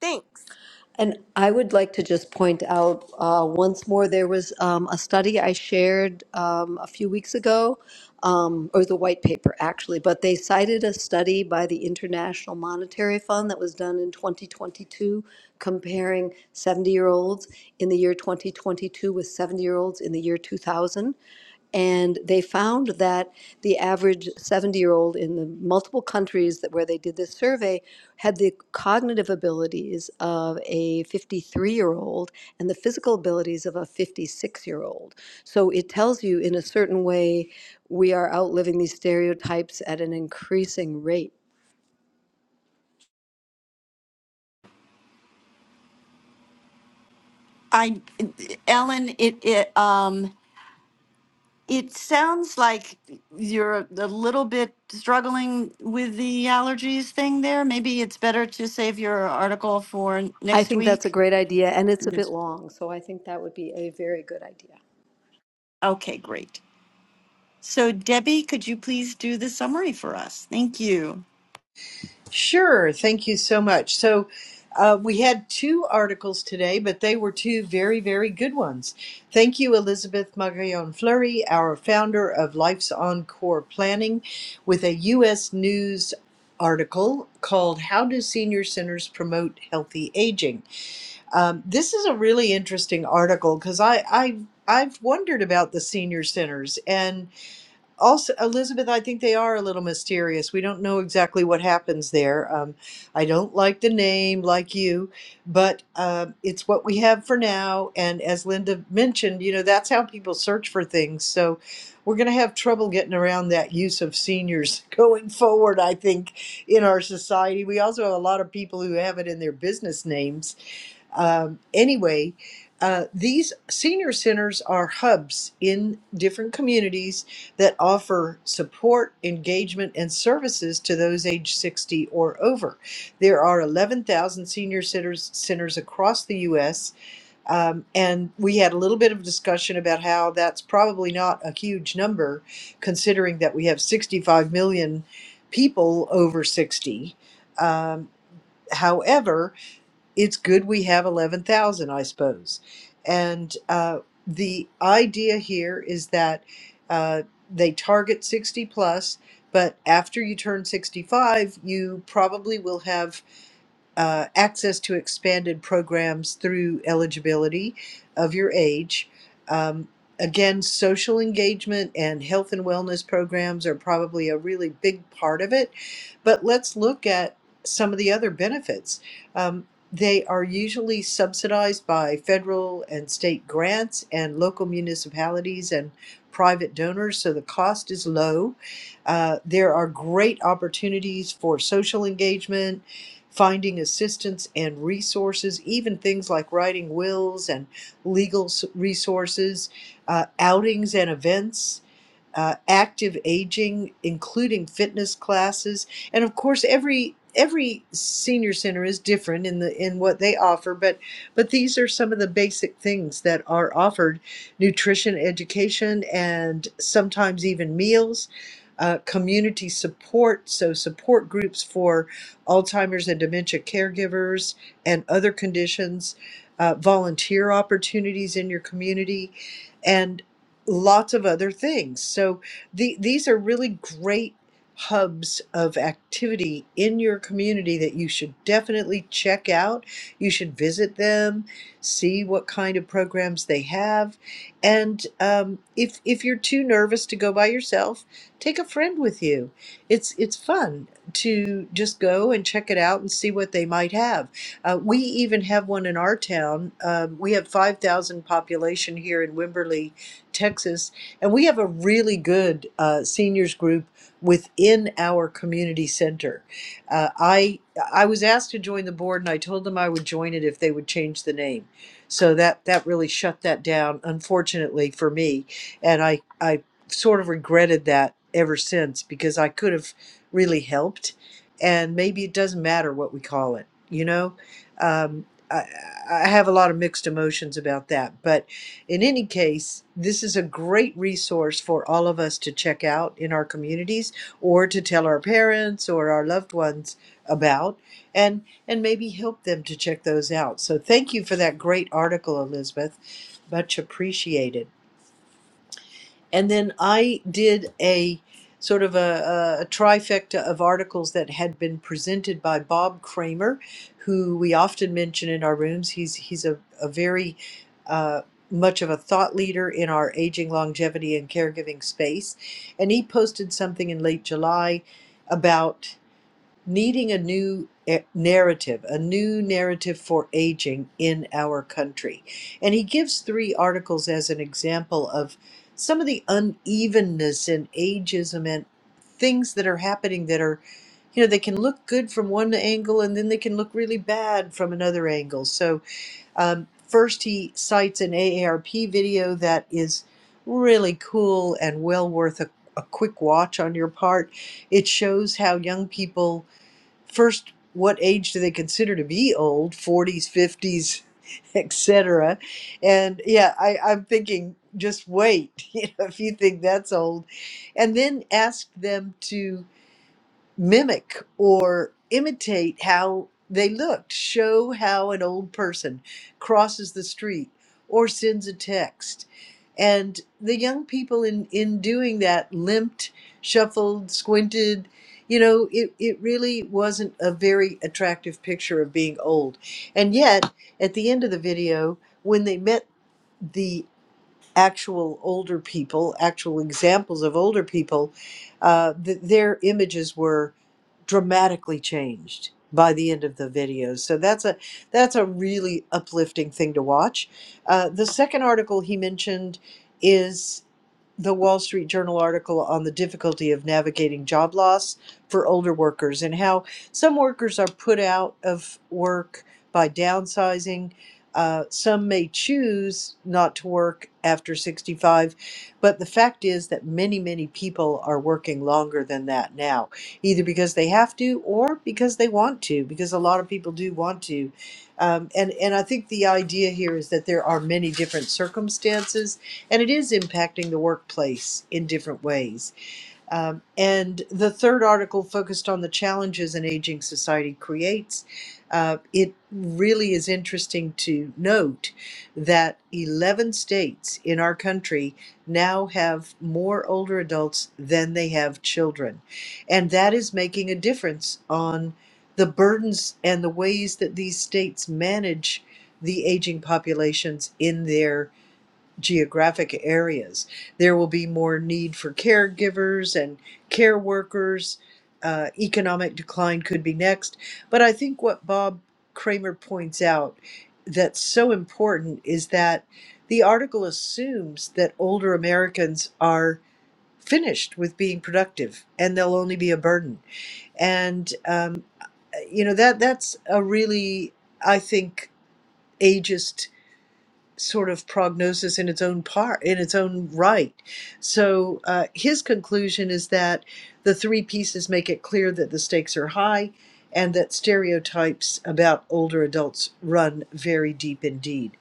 [SPEAKER 5] Thanks.
[SPEAKER 4] And I would like to just point out uh, once more there was um, a study I shared um, a few weeks ago, um, or the white paper actually, but they cited a study by the International Monetary Fund that was done in 2022 comparing 70 year olds in the year 2022 with 70 year olds in the year 2000 and they found that the average 70 year old in the multiple countries that where they did this survey had the cognitive abilities of a 53 year old and the physical abilities of a 56 year old so it tells you in a certain way we are outliving these stereotypes at an increasing rate
[SPEAKER 3] I, Ellen. It it um. It sounds like you're a little bit struggling with the allergies thing there. Maybe it's better to save your article for n-
[SPEAKER 4] i
[SPEAKER 3] next
[SPEAKER 4] think that's a
[SPEAKER 3] week.
[SPEAKER 4] great idea and it's a bit long so i think that would be a very good idea
[SPEAKER 3] Okay, great. So, Debbie, could you please do the summary for us? Thank you.
[SPEAKER 1] sure thank you so much so uh, we had two articles today but they were two very very good ones thank you elizabeth magallon fleury our founder of life's encore planning with a us news article called how do senior centers promote healthy aging Um, this is a really interesting article because I, I I've wondered about the senior centers and also Elizabeth. I think they are a little mysterious. We don't know exactly what happens there. Um, I don't like the name, like you, but uh, it's what we have for now. And as Linda mentioned, you know that's how people search for things. So we're going to have trouble getting around that use of seniors *laughs* going forward. I think in our society, we also have a lot of people who have it in their business names um, anyway, uh, these senior centers are hubs in different communities that offer support, engagement, and services to those age 60 or over. There are 11,000 senior centers, centers across the U.S., um, and we had a little bit of discussion about how that's probably not a huge number, considering that we have 65 million people over 60. Um, however, it's good we have 11,000, I suppose. And uh, the idea here is that uh, they target 60 plus, but after you turn 65, you probably will have uh, access to expanded programs through eligibility of your age. Um, again, social engagement and health and wellness programs are probably a really big part of it, but let's look at some of the other benefits. Um, they are usually subsidized by federal and state grants and local municipalities and private donors, so the cost is low. Uh, there are great opportunities for social engagement finding assistance and resources, even things like writing wills and legal s- resources, uh, outings and events uh, active aging, including fitness classes, and of course every every senior center is different in the in what they offer but but these are some of the basic things that are offered nutrition education and sometimes even meals uh, community support so support groups for alzheimer's and dementia caregivers and other conditions uh, volunteer opportunities in your community and lots of other things. So the, these are really great hubs of activity in your community that you should definitely check out. You should visit them, see what kind of programs they have, and um, if if you're too nervous to go by yourself, take a friend with you. It's it's fun to just go and check it out and see what they might have. Uh, we even have one in our town. Um, we have five thousand population here in Wimberley Texas, and we have a really good uh, seniors group within our community center. Uh, I I was asked to join the board, and I told them I would join it if they would change the name. So that that really shut that down, unfortunately for me, and I I sort of regretted that ever since because I could have really helped, and maybe it doesn't matter what we call it, you know. Um, I, I have a lot of mixed emotions about that, but in any case, this is a great resource for all of us to check out in our communities or to tell our parents or our loved ones about and and maybe help them to check those out. So thank you for that great article, Elizabeth. Much appreciated. And then I did a sort of a, a, trifecta of articles that had been presented by Bob Kramer, who we often mention in our rooms. He's he's a, a very uh, much of a thought leader in our aging, longevity, and caregiving space. And he posted something in late July about needing a new eh, narrative, a new narrative for aging in our country. And he gives three articles as an example of some of the unevenness and ageism and things that are happening that are, you know, they can look good from one angle and then they can look really bad from another angle. So, um, first, he cites an AARP video that is really cool and well worth a, a quick watch on your part. It shows how young people first what age do they consider to be old 40s 50s etc *laughs* and yeah I, i'm thinking just wait *laughs* you know if you think that's old and then ask them to mimic or imitate how they looked, show how an old person crosses the street or sends a text. And the young people in, in doing that limped, shuffled, squinted. You know, it, it really wasn't a very attractive picture of being old. And yet, at the end of the video, when they met the actual older people, actual examples of older people, uh, th- their images were dramatically changed by the end of the video. So that's a that's a really uplifting thing to watch. Uh, the second article he mentioned is the Wall Street Journal article on the difficulty of navigating job loss for older workers and how some workers are put out of work by downsizing. Uh, some may choose not to work after 65, but the fact is that many, many people are working longer than that now either because they have to or because they want to, because a lot of people do want to. Um, and, and I think the idea here is that there are many different circumstances, and it is impacting the workplace in different ways um, and the third article focused on the challenges an aging society creates. Uh, it really is interesting to note that 11 states in our country now have more older adults than they have children. And that is making a difference on the burdens and the ways that these states manage the aging populations in their geographic areas. There will be more need for caregivers and care workers. Uh, economic decline could be next. But I think what Bob Kramer points out that's so important is that the article assumes that older Americans are finished with being productive and they'll only be a burden. And, um, you know, that that's a really, I think, ageist sort of prognosis in its own part, in its own right. So uh, his conclusion is that the three pieces make it clear that the stakes are high and that stereotypes about older adults run very deep indeed.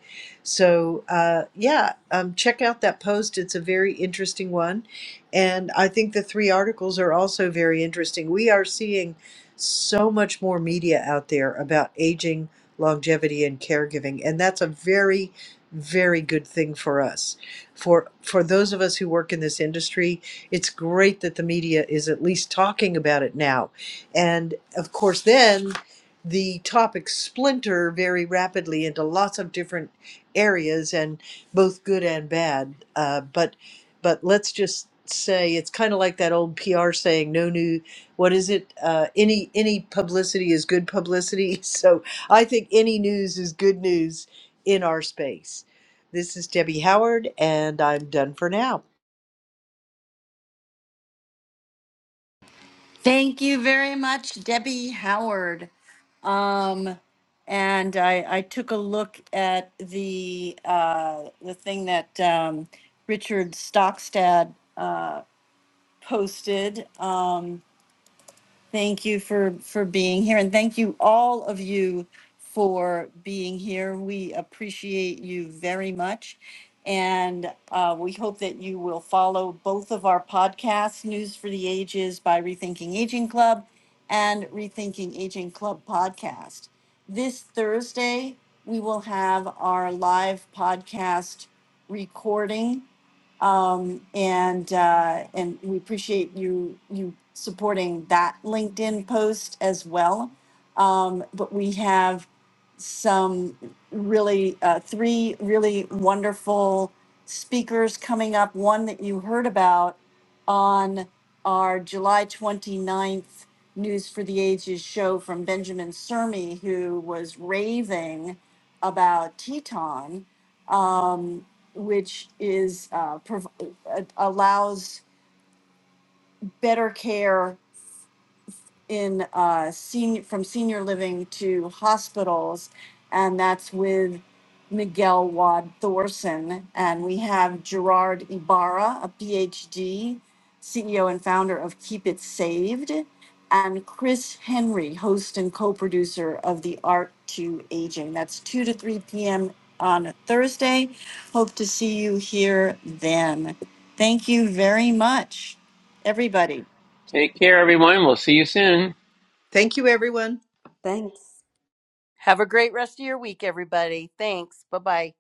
[SPEAKER 1] So uh, yeah, um, check out that post. It's a very interesting one. And I think the three articles are also very interesting. We are seeing so much more media out there about aging, longevity, and caregiving. And that's a very very good thing for us. For for those of us who work in this industry, it's great that the media is at least talking about it now. And of course then the topics splinter very rapidly into lots of different areas and both good and bad. Uh, but but let's just say it's kind of like that old PR saying no new what is it uh, any any publicity is good publicity *laughs* so I think any news is good news in our space. This is Debbie Howard, and I'm done for now.
[SPEAKER 3] Thank you very much, Debbie Howard. Um, and I, I took a look at the uh, the thing that um, Richard Stockstad uh, posted. Um, Thank you for for being here, and thank you all of you for being here. We appreciate you very much, and uh, we hope that you will follow both of our podcasts, "News for the Ages" by Rethinking Aging Club, and "Rethinking Aging Club" podcast. This Thursday, we will have our live podcast recording um, and uh, and we appreciate you you supporting that LinkedIn post as well. Um, but we have some really uh, three really wonderful speakers coming up. One that you heard about on our July 29th News for the Ages show from Benjamin Sermi, who was raving about Teton Um, which is uh, prov- uh, allows better care in uh, senior from senior living to hospitals, and that's with Miguel Wad Thorson, and we have Gerard Ibarra, a PhD, CEO and founder of Keep It Saved, and Chris Henry, host and co-producer of the Art to Aging. That's two to three p.m. on Thursday. Hope to see you here then. Thank you very much, everybody.
[SPEAKER 2] Take care, everyone. We'll see you soon.
[SPEAKER 1] Thank you, everyone.
[SPEAKER 4] thanks
[SPEAKER 5] Have a great rest of your week, everybody. Thanks. Bye bye.